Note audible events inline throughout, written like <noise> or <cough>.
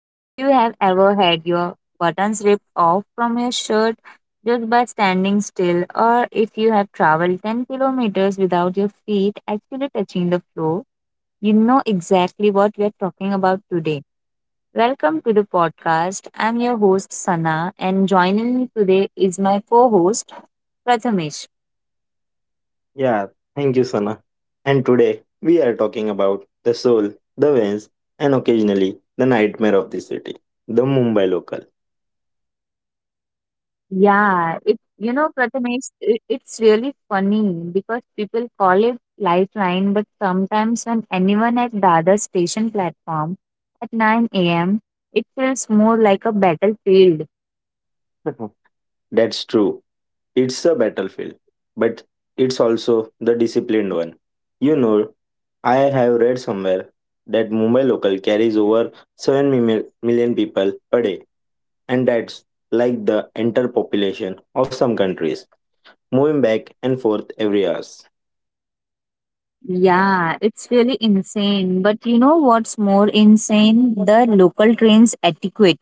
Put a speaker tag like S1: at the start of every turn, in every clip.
S1: If you have ever had your buttons ripped off from your shirt just by standing still, or if you have traveled 10 kilometers without your feet actually touching the floor, you know exactly what we are talking about today. Welcome to the podcast. I'm your host Sana, and joining me today is my co-host Prathamesh.
S2: Yeah, thank you, Sana. And today we are talking about the soul, the veins, and occasionally the nightmare of the city, the Mumbai local.
S1: Prathamesh, it's really funny because people call it lifeline, but sometimes when anyone at the station platform at 9 a.m., it feels more like a battlefield.
S2: <laughs> That's true. It's a battlefield, but it's also the disciplined one. You know, I have read somewhere that Mumbai local carries over million people a day, and that's like the entire population of some countries, moving back and forth every hours.
S1: Yeah, it's really insane. But you know what's more insane? The local trains etiquette.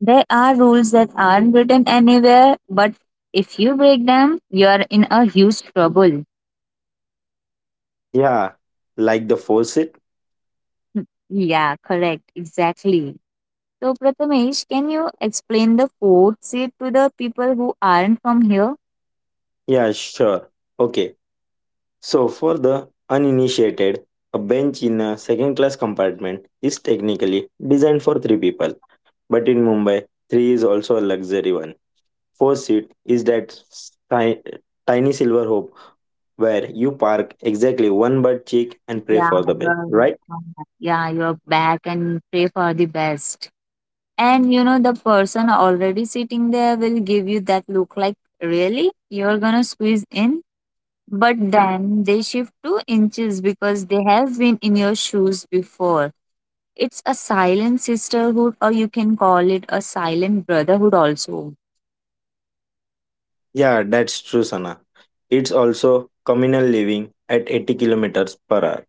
S1: There are rules that aren't written anywhere, but if you break them, you're in a huge trouble.
S2: Yeah, like the force.
S1: <laughs> Yeah, correct. Exactly. So, Prathamesh, can you explain the food seat to the people who aren't from here?
S2: Yeah, sure. Okay. So, for the uninitiated, a bench in a second class compartment is technically designed for three people. But in Mumbai, three is also a luxury one. Four seat is that tiny silver hope where you park exactly one butt cheek and pray
S1: Yeah,
S2: for the best,
S1: you're,
S2: right?
S1: yeah, you're back and pray for the best. And you know, the person already sitting there will give you that look like, really? You're gonna squeeze in? But then they shift 2 inches because they have been in your shoes before. It's a silent sisterhood, or you can call it a silent brotherhood also.
S2: Yeah, that's true, Sana. It's also communal living at 80 kilometers per hour.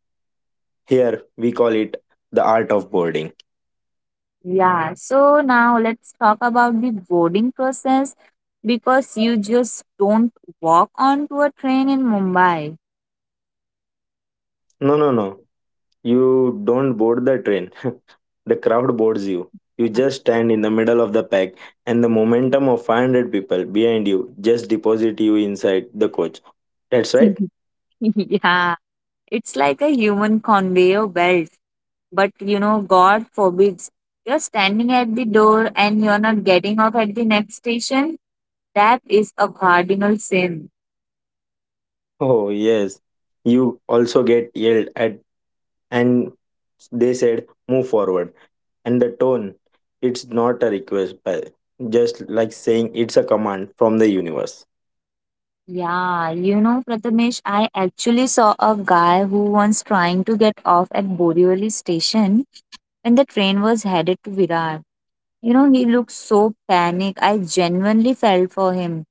S2: Here, we call it the art of boarding.
S1: Yeah, so now let's talk about the boarding process because you just don't walk onto a train in Mumbai.
S2: No, no, no. You don't board the train. <laughs> The crowd boards you. You just stand in the middle of the pack, and the momentum of 500 people behind you just deposit you inside the coach. That's
S1: <laughs>
S2: right. <laughs>
S1: Yeah, it's like a human conveyor belt. But you know, God forbids you're standing at the door and you're not getting off at the next station. That is a cardinal sin.
S2: Oh, yes. You also get yelled at, and they said, "Move forward." And the tone, it's not a request, but just like saying it's a command from the universe.
S1: Yeah, you know, Prathamesh, I actually saw a guy who was trying to get off at Borivali station when the train was headed to Virar. You know, he looked so panicked. I genuinely felt for him.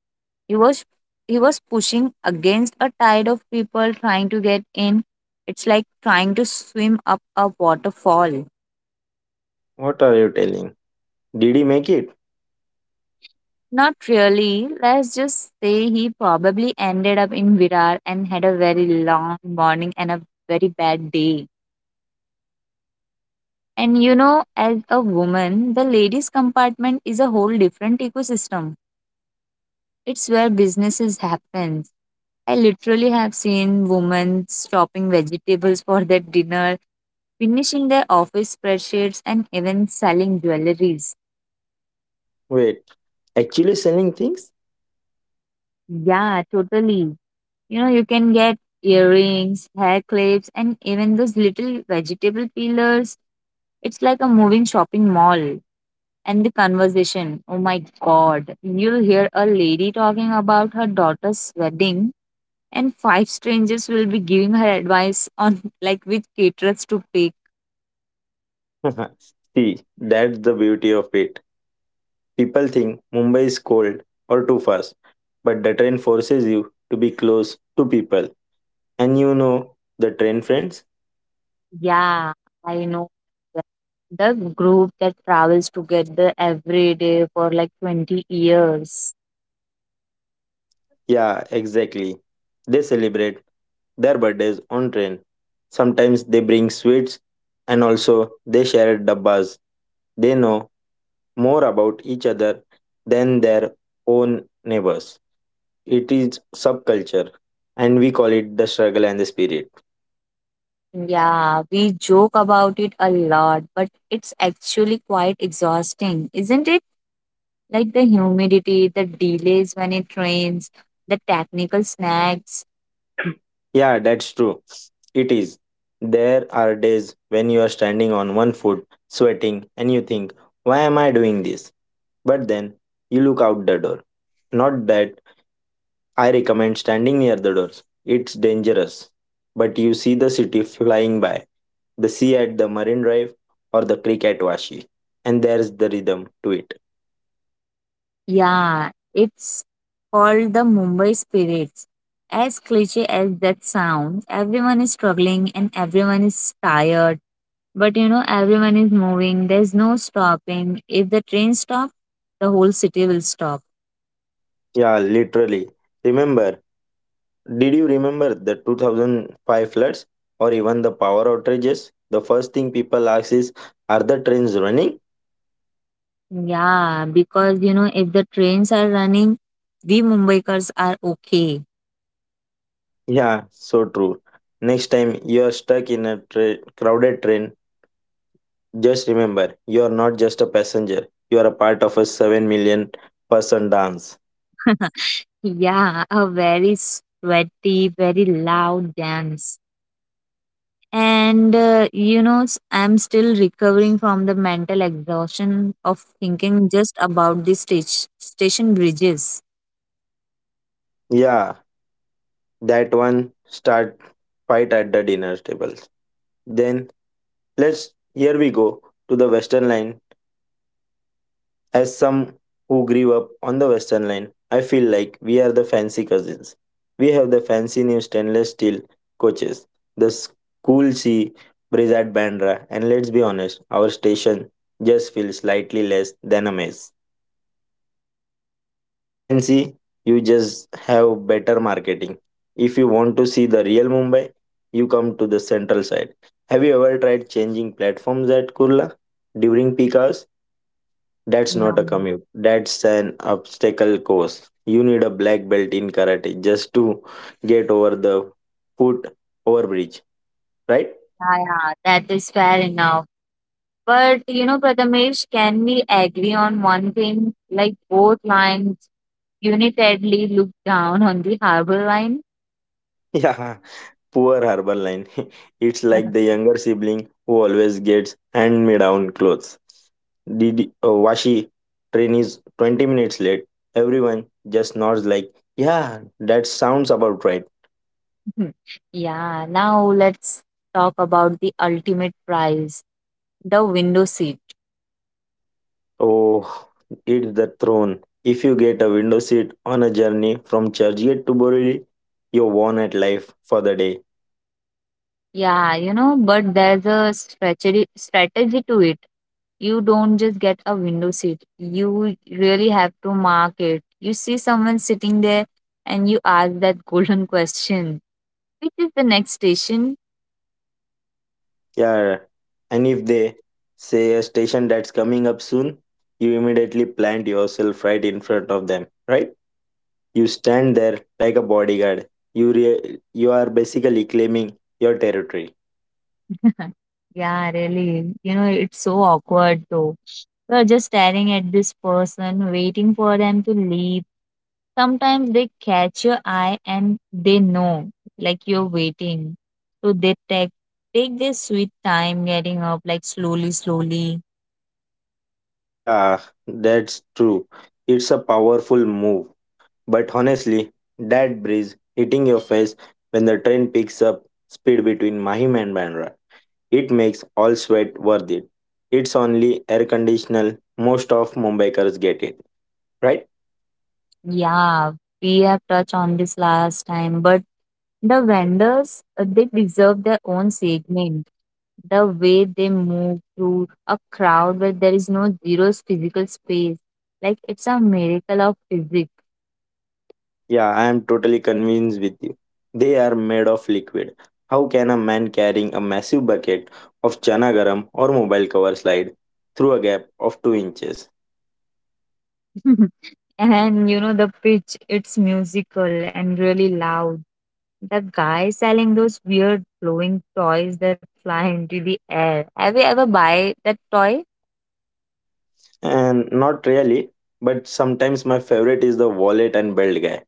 S1: He was he was pushing against a tide of people trying to get in. It's like trying to swim up a waterfall.
S2: What are you telling? Did he make it?
S1: Not really. Let's just say he probably ended up in Virar and had a very long morning and a very bad day.
S2: Uh,
S1: And you know, as a woman, the ladies' compartment is a whole different ecosystem. It's where businesses happen. I literally have seen women chopping vegetables for their dinner, finishing their office spreadsheets, and even selling jewelries.
S2: wait, actually selling things?
S1: Yeah, totally. You know, you can get earrings, hair clips, and even those little vegetable peelers. It's like a moving shopping mall. And the conversation, oh my god, you'll hear a lady talking about her daughter's wedding and five strangers will be giving her advice on <laughs> like which caterers to pick.
S2: <laughs> See, that's the beauty of it. People think Mumbai is cold or too fast, but the train forces you to be close to people. And you know the train friends?
S1: Yeah, I know that. The group that travels together every day for like 20 years.
S2: Yeah, exactly. They celebrate their birthdays on train. Sometimes they bring sweets and also they share dabbas. They know more about each other than their own neighbors. It is subculture and we call it the struggle and the spirit.
S1: Yeah, we joke about it a lot, but it's actually quite exhausting, isn't it? Like the humidity, the delays when it rains, the technical snags.
S2: Yeah, that's true. It is. There are days when you are standing on one foot, sweating, and you think, why am I doing this? But then you look out the door. Not that I recommend standing near the doors, it's dangerous. But you see the city flying by, the sea at the Marine Drive, or the creek at Washi. And there's the rhythm to it.
S1: Yeah, it's called the Mumbai Spirits. As cliche as that sounds, everyone is struggling and everyone is tired, but you know, everyone is moving. There's no stopping. If the train stops, the whole city will stop.
S2: Yeah, literally. Remember, did you remember the 2005 floods or even the power outages? The first thing people ask is, "Are the trains running?"
S1: Yeah, because you know, if the trains are running, we Mumbaikars are okay.
S2: Yeah, so true. Next time you're stuck in a crowded train, just remember you're not just a passenger, you're a part of a 7 million person dance.
S1: Yeah, a very sweaty, very loud dance. And you know, I'm still recovering from the mental exhaustion of thinking just about the stage, station bridges.
S2: Yeah, that one start fight at the dinner tables. Then let's here we go to the Western Line. As some who grew up on the Western Line, I feel like we are the fancy cousins. We have the fancy new stainless steel coaches, the cool C bridge at Bandra, and let's be honest, our station just feels slightly less than a maze. Fancy, you just have better marketing. If you want to see the real Mumbai, you come to the central side. Have you ever tried changing platforms at Kurla during peak hours? That's not a
S1: No,
S2: commute. That's an obstacle course. You need a black belt in karate just to get over the foot overbridge, right? <laughs>
S1: yeah, yeah, that is fair enough. But you know, Prathamesh, can we agree on one thing? Like both lines unitedly look down on the harbor line.
S2: Yeah, poor Harborline. <laughs> It's like the
S1: <laughs>
S2: younger sibling who always gets hand me down clothes. Did Washi train is 20 minutes late. Everyone just nods like, yeah, that sounds about right.
S1: Mhm. Yeah, now let's talk about the ultimate prize, the window seat.
S2: Oh, it's the throne. If you get a window seat on a journey from Churchgate to Borelli, you're won at life for the day.
S1: Yeah, you know, but there's a strategy to it. You don't just get a window seat. You really have to mark it. You see someone sitting there and you ask that <laughs> golden question, which is the next station?
S2: Yeah. And if they say a station that's coming up soon, you immediately plant yourself right in front of them, right? You stand there like a bodyguard. You are basically claiming your territory.
S1: <laughs> Yeah, really. You know, it's so awkward though. We're just staring at this person, waiting for them to leave. Sometimes they catch your eye and they know, like you're waiting. So they take their sweet time getting up, like slowly, slowly.
S2: Yeah, that's true. It's a powerful move. But honestly, that breeze hitting your face when the train picks up speed between Mahim and Bandra, it makes all sweat worth it. It's only air conditional, most of Mumbaikars get it, right?
S1: Yeah, we have touched on this last time, but the vendors they deserve their own segment. The way they move through a crowd where there is no zero physical space, like it's a miracle of physics.
S2: Yeah, I am totally convinced with you. They are made of liquid. How can a man carrying a massive bucket of chana garam or mobile cover slide through a gap of 2 inches?
S1: <laughs> And you know, the pitch, it's musical and really loud. The guy selling those weird glowing toys that fly into the air. Have you ever buy that toy?
S2: And not really, but sometimes my favorite is the wallet and belt guy.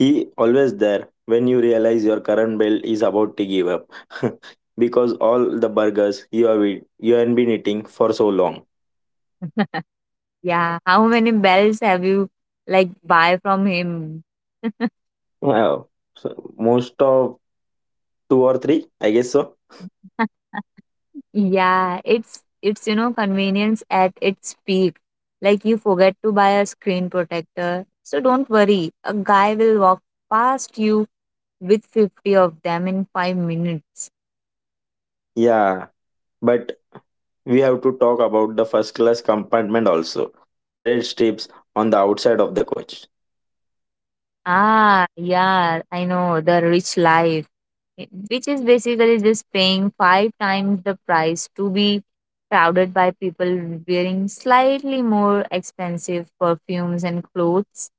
S2: He always there when you realize your current bill is about to give up <laughs> because all the burgers you have eat, you have been eating for so long.
S1: Yeah. How many bells have you like buy from him?
S2: Wow. So most of two or three, I guess so.
S1: Yeah, it's you know convenience at its peak. Like you forget to buy a screen protector. So don't worry, a guy will walk past you with 50 of them in 5 minutes.
S2: Yeah. But we have to talk about the first class compartment also. The red strips on the outside of the coach.
S1: Ah, yeah, I know the rich life, eh, which is basically just paying five times the price to be crowded by people wearing slightly more expensive perfumes and clothes.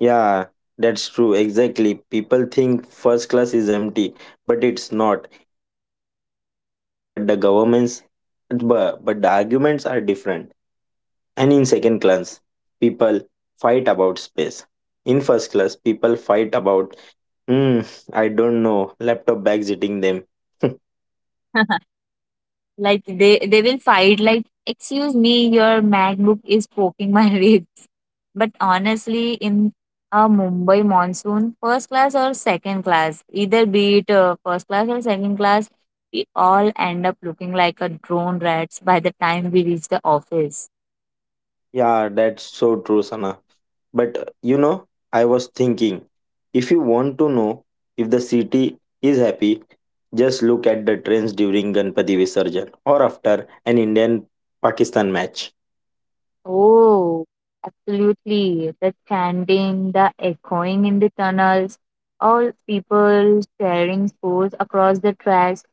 S2: Yeah, that's true. Exactly. People think first class is empty, but it's not. It's just as packed. But the governments, but the arguments are different. And in second class, people fight about space. In first class, people fight about, hmm, I don't know, laptop bags eating them. <laughs>
S1: <laughs> Like they will fight like, excuse me, your MacBook is poking my <laughs> rib. But honestly, in a Mumbai monsoon, first class or second class, either be it first class or second class, we all end up looking like a drone rats by the time we reach the office.
S2: Yeah, that's so true, Sana. But you know, I was thinking if you want to know if the city is happy, just look at the trends during Ganpati Visarjan or after an Indian Pakistan match.
S1: Oh, absolutely. The chanting, the echoing in the tunnels, all people sharing sports across the tracks.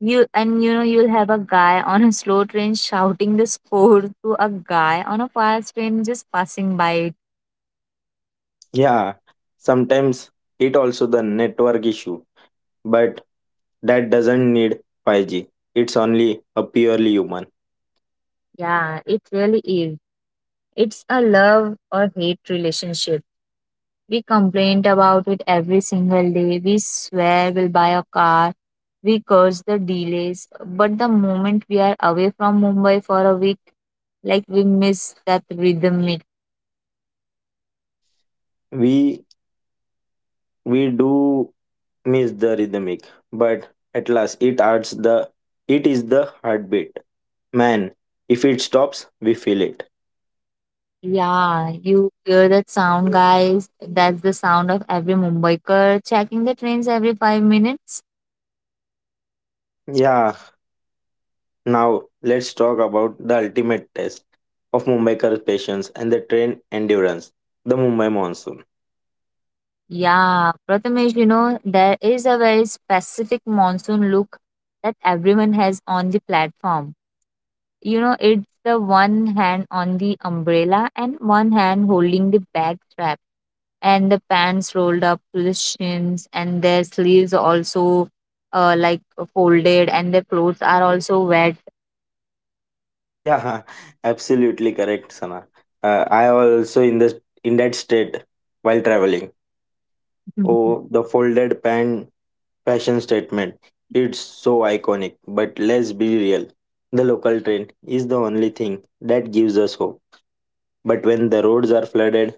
S1: You know you'll have a guy on a slow train shouting the score to a guy on a fast train just passing by.
S2: Yeah, sometimes it also the network issue, but that doesn't need 5G. It's only a purely human.
S1: Yeah, it really is. It's a love or hate relationship. We complain about it every single day. We swear we'll buy a car. We curse the delays. But the moment we are away from Mumbai for a week, like we miss that rhythmic.
S2: We we do miss the rhythmic, but at last it adds the it is the heartbeat. Man, if it stops, we feel it.
S1: Yeah, you hear that sound, guys. That's the sound of every Mumbaikar checking the trains every 5 minutes.
S2: Yeah, now let's talk about the ultimate test of Mumbaikars patience and the train endurance, the Mumbai monsoon.
S1: Yeah, Prathamesh, you know, there is a very specific monsoon look that everyone has on the platform. You know, it's the one hand on the umbrella and one hand holding the bag strap, and the pants rolled up to the shins, and their sleeves also like folded, and their clothes are also wet.
S2: Yeah, <laughs> absolutely correct, Sana. I also in the in that state while traveling. Oh,
S1: <laughs>
S2: the folded pan fashion statement. It's so iconic, but let's be real. The local train is the only thing that gives us hope. But when the roads are flooded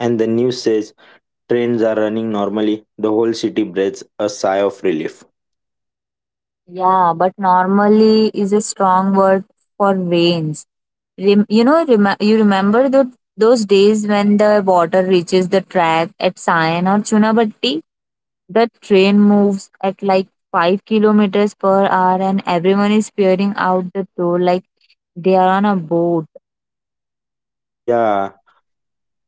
S2: and the news says trains are running normally, the whole city breathes a sigh of relief.
S1: Yeah, but normally is a strong word for rains. You know, you remember those days when the water reaches the track at Sayan or Chunabatti? The train moves at like 5 kilometers per hour and everyone is peering out the door like they are on a boat.
S2: Yeah,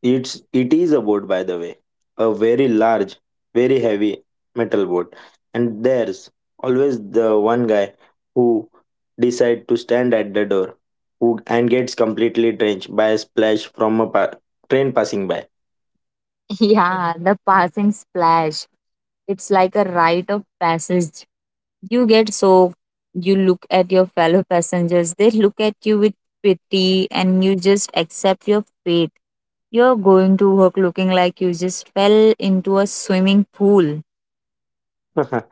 S2: it is a boat by the way. A very large, very heavy metal boat. And there's always the one guy who decide to stand at the door who and gets completely drenched by a splash from a train passing by.
S1: <laughs> Yeah, the passing splash. It's like a rite of passage. You get soaked, you look at your fellow passengers, they look at you with pity, and you just accept your fate. You're going to work looking like you just fell into a swimming pool.
S2: <laughs>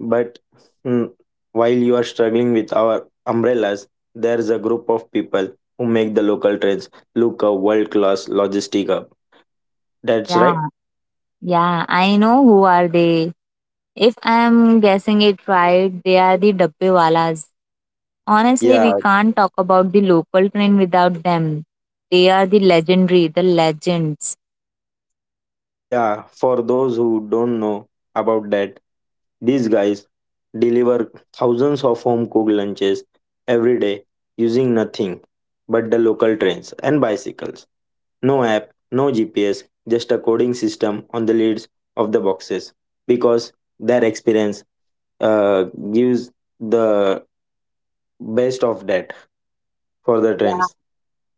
S2: But mm, while you are struggling with our umbrellas, there's a group of people who make the local trains look a world class logistic hub. That's right.
S1: Yeah, yeah, I know who are they. If I'm guessing it right, they are the Dabbewalas. Honestly, we
S2: Yeah,
S1: can't talk about the local train without them. They are the legends.
S2: yeah, for those who don't know about that, these guys deliver thousands of home cooked lunches every day using nothing but the local trains and bicycles. No app, no GPS, just a coding system on the lids of the boxes because their experience uh, gives the best of that for the
S1: Yeah.
S2: trains.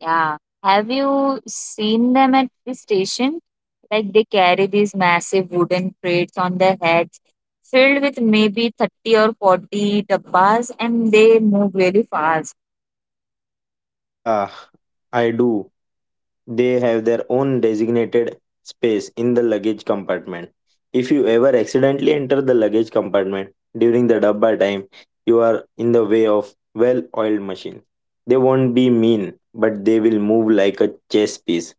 S1: Yeah. Have you seen them at the station? Like they carry these massive wooden crates on their heads filled with maybe 30 or 40 dabbas and they move really fast.
S2: Yeah, I do. They have their own designated space in the luggage compartment. If you ever accidentally enter the luggage compartment during the dabba time, you are in the way of well oiled machine. They won't be mean, but they will move like a chess piece.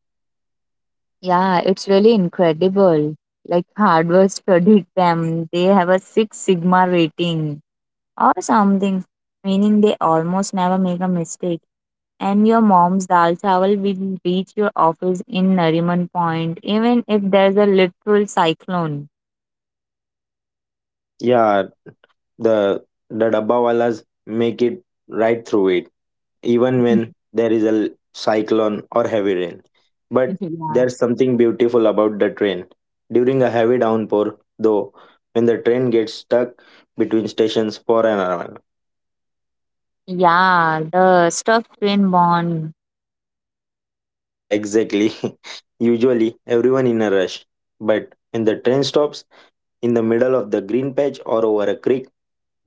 S1: Yeah, it's really incredible. Like hardware studied them. They have a Six Sigma rating or something, meaning they almost never make a mistake. And your mom's dal chawal will reach your office in Nariman Point, even if there's a literal cyclone.
S2: Yeah, the dabba walas make it right through it, even when
S1: <laughs>
S2: there is a cyclone or heavy rain. But
S1: Yeah.
S2: there's something beautiful about the train. During a heavy downpour, though, when the train gets stuck between stations for an hour.
S1: Yeah, the stuffed twin bond.
S2: Yeah, exactly. <laughs> Usually, everyone in a rush. But when the train stops in the middle of the green patch or over a creek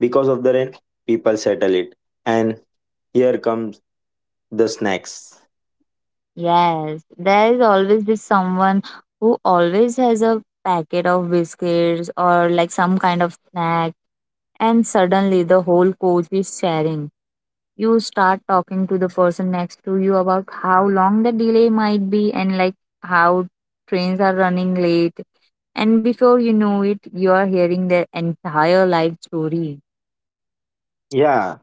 S2: because of the rain, people settle it. And here comes the snacks.
S1: Yes, there is always this someone who always has a packet of biscuits or like some kind of snack, and suddenly the whole coach is sharing. You start talking to the person next to you about how long the delay might be and like how trains are running late. And before you know it, you are hearing their entire life story.
S2: Yeah,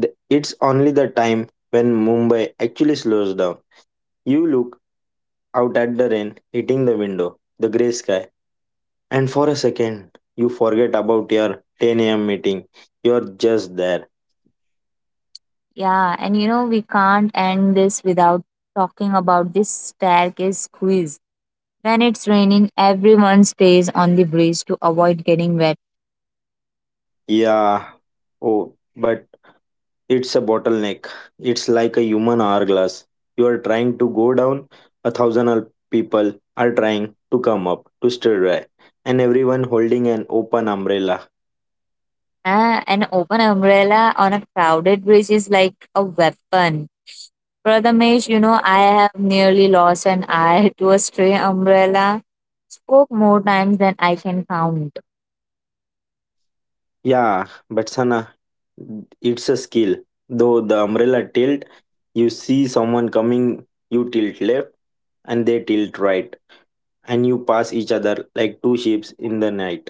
S2: it's only the time when Mumbai actually slows down. You look out at the rain hitting the window, the grey sky, and for a second, you forget about your 10 a.m. meeting. You're just there.
S1: Yeah, and you know, we can't end this without talking about this staircase quiz. When it's raining, everyone stays on the bridge to avoid getting wet.
S2: Yeah. Oh, but it's a bottleneck. It's like a human hourglass. You are trying to go down, a people are trying to come up, to stir dry, and everyone holding an open umbrella.
S1: Ah, an open umbrella on a crowded bridge is like a weapon. Prathamesh, you know, I have nearly lost an eye <laughs> to a stray umbrella. Spoke more times than I can count.
S2: Yeah, but Sana, it's a skill. Though the umbrella tilt, you see someone coming, you tilt left and they tilt right, and you pass each other like two ships in the night.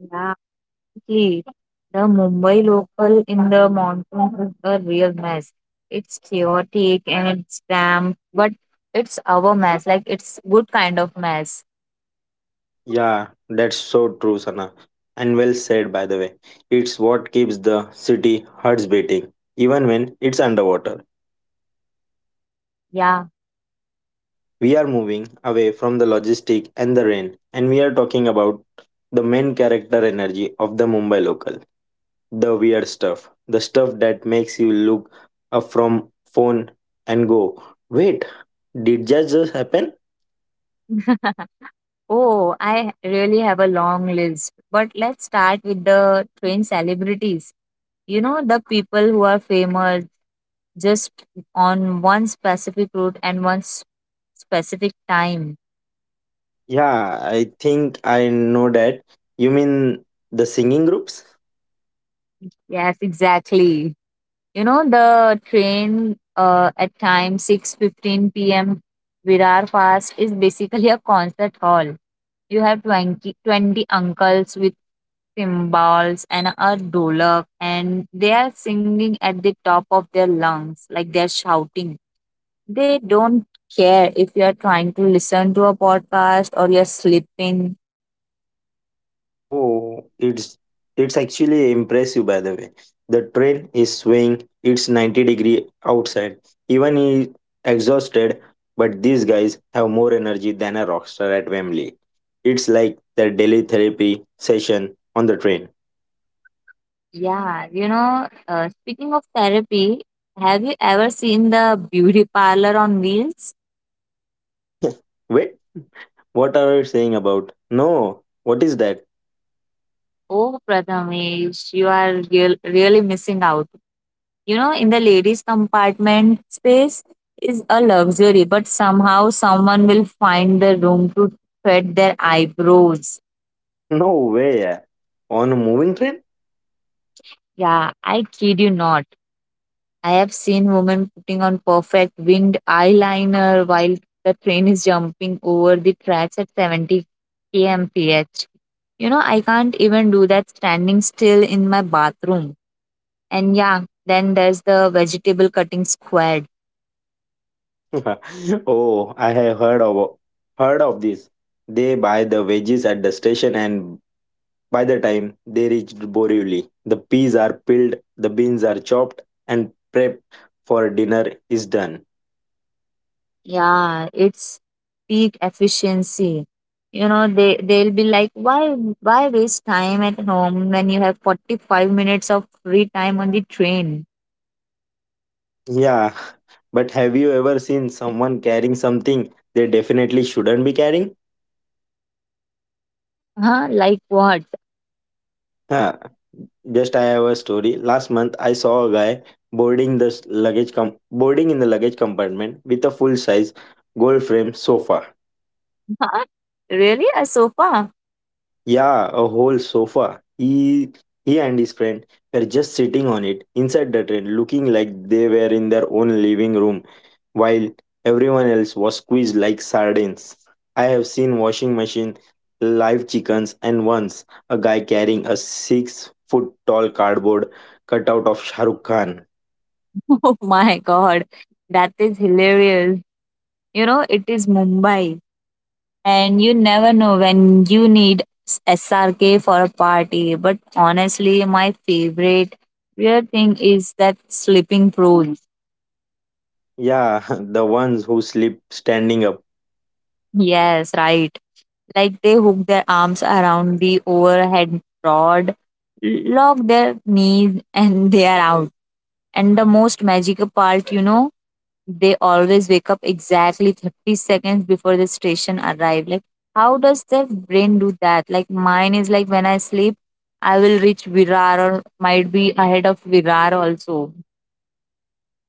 S1: Yeah. Definitely. The Mumbai local in the monsoon is a real mess. It's chaotic and it's damp, but it's our mess. Like it's good kind of mess.
S2: Yeah, that's so true, Sana. And well said, by the way. It's what keeps the city hearts beating, even when it's underwater.
S1: Yeah.
S2: We are moving away from the logistic and the rain, and we are talking about the main character energy of the Mumbai local, the weird stuff, the stuff that makes you look up from phone and go, "Wait, did that just happen?"
S1: <laughs> Oh, I really have a long list. But let's start with the train celebrities. You know, the people who are famous just on one specific route and specific time.
S2: Yeah, I think I know that. You mean the singing groups?
S1: Yes, exactly. You know, the train at time 6:15 p.m. Virar Fast is basically a concert hall. You have twenty uncles with cymbals and a dolak and they are singing at the top of their lungs like they're shouting they don't care if you're trying to listen to a podcast or you're sleeping.
S2: Oh, it's actually impressive by the way. The train is swaying. It's 90-degree outside. Even exhausted, but these guys have more energy than a rock star at Wembley. It's like their daily therapy session on the train.
S1: Yeah, you know, speaking of therapy, have you ever seen the beauty parlor on wheels?
S2: <laughs> Wait, what are you saying about? No, what is that?
S1: Oh, Prathamesh, you are really missing out. You know, in the ladies' compartment, space is a luxury, but somehow someone will find the room to thread their eyebrows.
S2: No way. On a moving train?
S1: Yeah, I kid you not. I have seen women putting on perfect winged eyeliner while the train is jumping over the tracks at 70 kmph. You know, I can't even do that standing still in my bathroom. And yeah, then there's the vegetable cutting squad.
S2: <laughs> Oh, I have heard of this. They buy the veggies at the station and by the time they reached Borivali, the peas are peeled, the beans are chopped and prep for dinner is done.
S1: Yeah, it's peak efficiency. You know, they'll be like, why waste time at home when you have 45 minutes of free time on the train?
S2: Yeah, <laughs> but have you ever seen someone carrying something they definitely shouldn't be carrying?
S1: Huh? Like what?
S2: Huh. Just I have a story. Last month, I saw a guy boarding the boarding in the luggage compartment with a full size gold frame sofa.
S1: <laughs> Huh? Really? A sofa?
S2: Yeah, a whole sofa. He and his friend were just sitting on it inside the train, looking like they were in their own living room, while everyone else was squeezed like sardines. I have seen washing machine, live chickens, and once a guy carrying a 6 foot tall cardboard cutout of Shahrukh Khan.
S1: <laughs> Oh my god. That is hilarious. You know, it is Mumbai and you never know when you need SRK for a party. But honestly, my favorite weird thing is that sleeping prunes.
S2: Yeah, <laughs> the ones who sleep standing up.
S1: Yes, right. Like they hook their arms around the overhead rod, lock their knees, and they are out. And the most magical part, you know, they always wake up exactly 30 seconds before the station arrive. Like, how does their brain do that? Like, mine is like when I sleep, I will reach Virar or might be ahead of Virar also.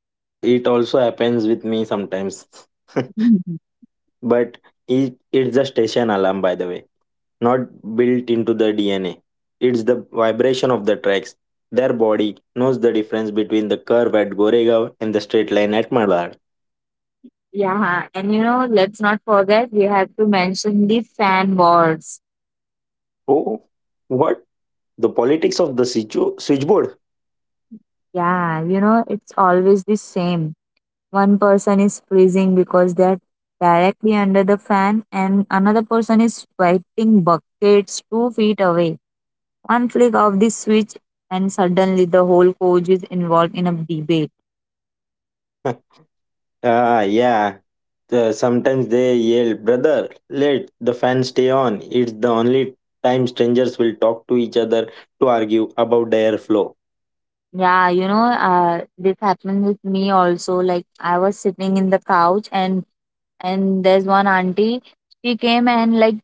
S2: Yeah, it also happens with me sometimes.
S1: Mhm.
S2: <laughs> But it's a station alarm, by the way, not built into the DNA. It's the vibration of the tracks. Their body knows the difference between the curve at Goregaon and the straight line at Malar.
S1: Yeah, and you know, let's not forget, we have to mention the fan wars.
S2: Oh, what? The politics of the switchboard?
S1: Yeah, you know, it's always the same. One person is freezing because they're directly under the fan, and another person is sweating buckets 2 feet away. One flick of the switch, and suddenly the whole coach is involved in a debate.
S2: <laughs> Ah, yeah. The sometimes they yell, brother, let the fans stay on. It's the only time strangers will talk to each other to argue about the airflow.
S1: Yeah, you know, this happened with me also. Like I was sitting in the couch and there's one auntie, she came and like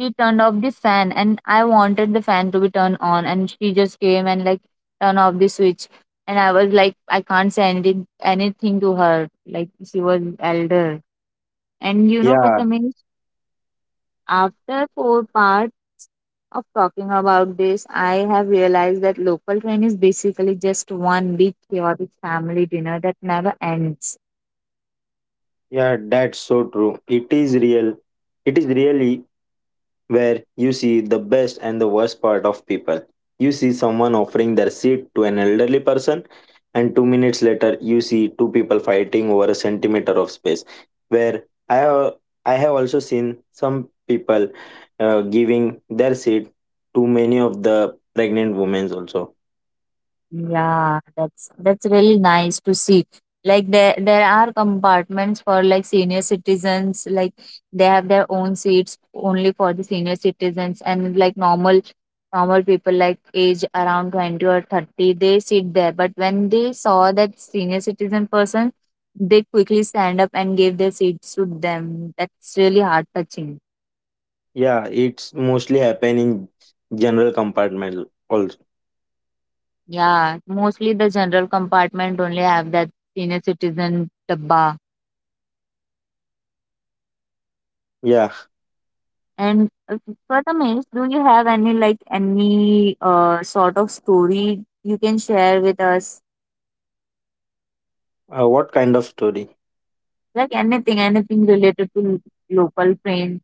S1: she turned off the fan and I wanted the fan to be turned on, and she just came and like turned off the switch, and I was like I can't say anything to her. Like she was elder. And you know,
S2: Yeah,
S1: Prathamesh, after four parts of talking about this, I have realized that local train is basically just one big chaotic family dinner that never ends.
S2: yeah, that's so true. It is real. It is really where you see the best and the worst part of people. You see someone offering their seat to an elderly person, and 2 minutes later, you see two people fighting over a centimeter of space. Where I have also seen some people giving their seat to many of the pregnant women also.
S1: Yeah, that's really nice to see. Like there are compartments for like senior citizens, like they have their own seats only for the senior citizens, and like normal people like age around 20 or 30, they sit there. But when they saw that senior citizen person, they quickly stand up and gave their seats to them. That's really heart touching.
S2: Yeah, it's mostly happen in general compartment also.
S1: Yeah, mostly the general compartment only have that senior citizen dabba.
S2: Yeah,
S1: And for the do you have any like any sort of story you can share with us?
S2: what kind of story?
S1: Like anything, anything related to local train.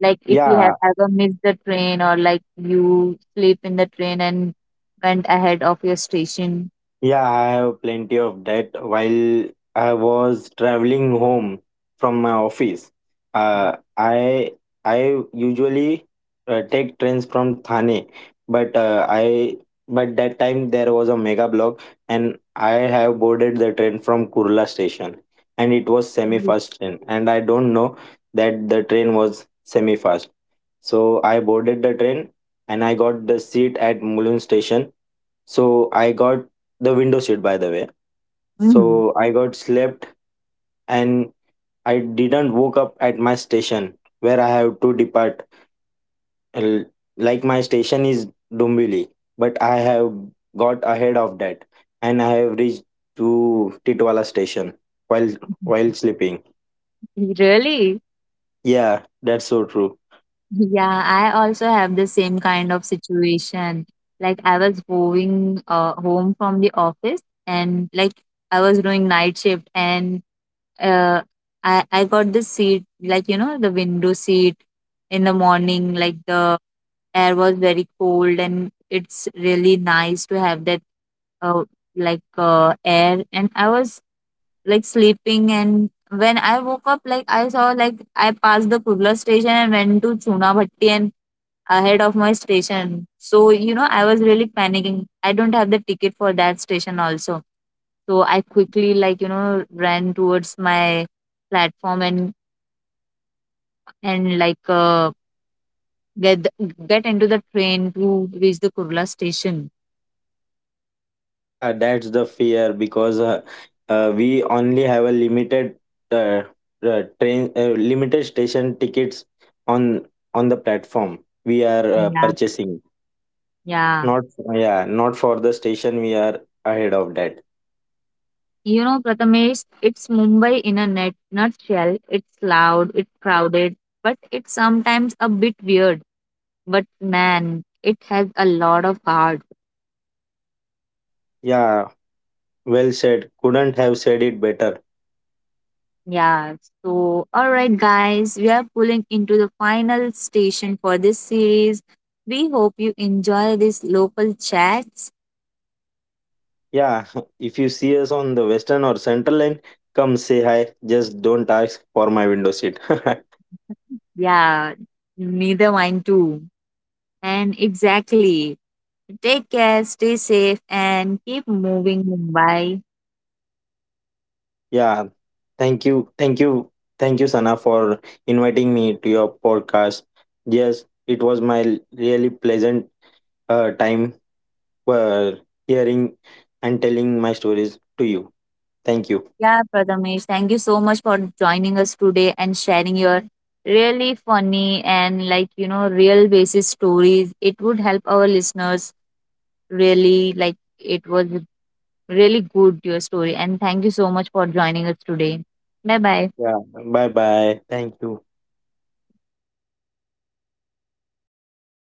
S1: Like if you have
S2: Yeah,
S1: ever missed the train or like you sleep in the train and went ahead of your station.
S2: yeah, I have plenty of that. While I was traveling home from my office, uh, I I usually take trains from Thane, but I but that time there was a mega block, and I have boarded the train from Kurla station, and it was semi-fast train, and I don't know that the train was semi-fast. So I boarded the train, and I got the seat at Mulund station. So I got the window seat by the way.
S1: Mm-hmm. <laughs>
S2: So I got slept and I didn't woke up at my station where I have to depart. L- Like my station is Dumbili, but I have got ahead of that and I have reached to Titwala station while while sleeping.
S1: Really?
S2: Yeah, that's so true.
S1: Yeah, I also have the same kind of situation. Like I was going home from the office, and like I was doing night shift and uh, I got this seat, like you know, the window seat in the morning. Like the air was very cold, and it's really nice to have that uh, like air. And I was like sleeping, and when I woke up, like I saw like I passed the Kurla station and went to Chunabhatti and ahead of my station. So, you know, I was really panicking. I don't have the ticket for that station also. So I quickly, like, you know, ran towards my platform and like get get into the train to reach the Kurla station.
S2: Yeah, that's the fear because we only have a limited uh, limited station tickets on the platform we are
S1: Yeah.
S2: purchasing.
S1: Yeah.
S2: Not yeah, not for the station we are ahead of that.
S1: You know, Prathamesh, it's Mumbai in a net nutshell. It's loud, it's crowded, but it's sometimes a bit weird. But man, it has a lot of heart.
S2: Yeah, well said. Couldn't have said it better.
S1: Yeah, so all right, guys, we are pulling into the final station for this series. We hope you enjoy these local chats.
S2: Yeah, <laughs> if you see us on the western or central line, come say hi. Just don't ask for my window seat.
S1: Yeah, neither mine too. And exactly, take care, stay safe, and keep moving, Mumbai.
S2: <laughs> Yeah, thank you, thank you, thank you, Sana, for inviting me to your podcast. Yes, it was my really pleasant time uh, hearing and telling my stories to you. Thank you.
S1: Yeah, Prathamesh, thank you so much for joining us today and sharing your really funny and like you know real basis stories. It would help our listeners really like it was really good your story, and thank you so much for joining us today. Bye bye.
S2: Yeah. Bye bye. Thank you.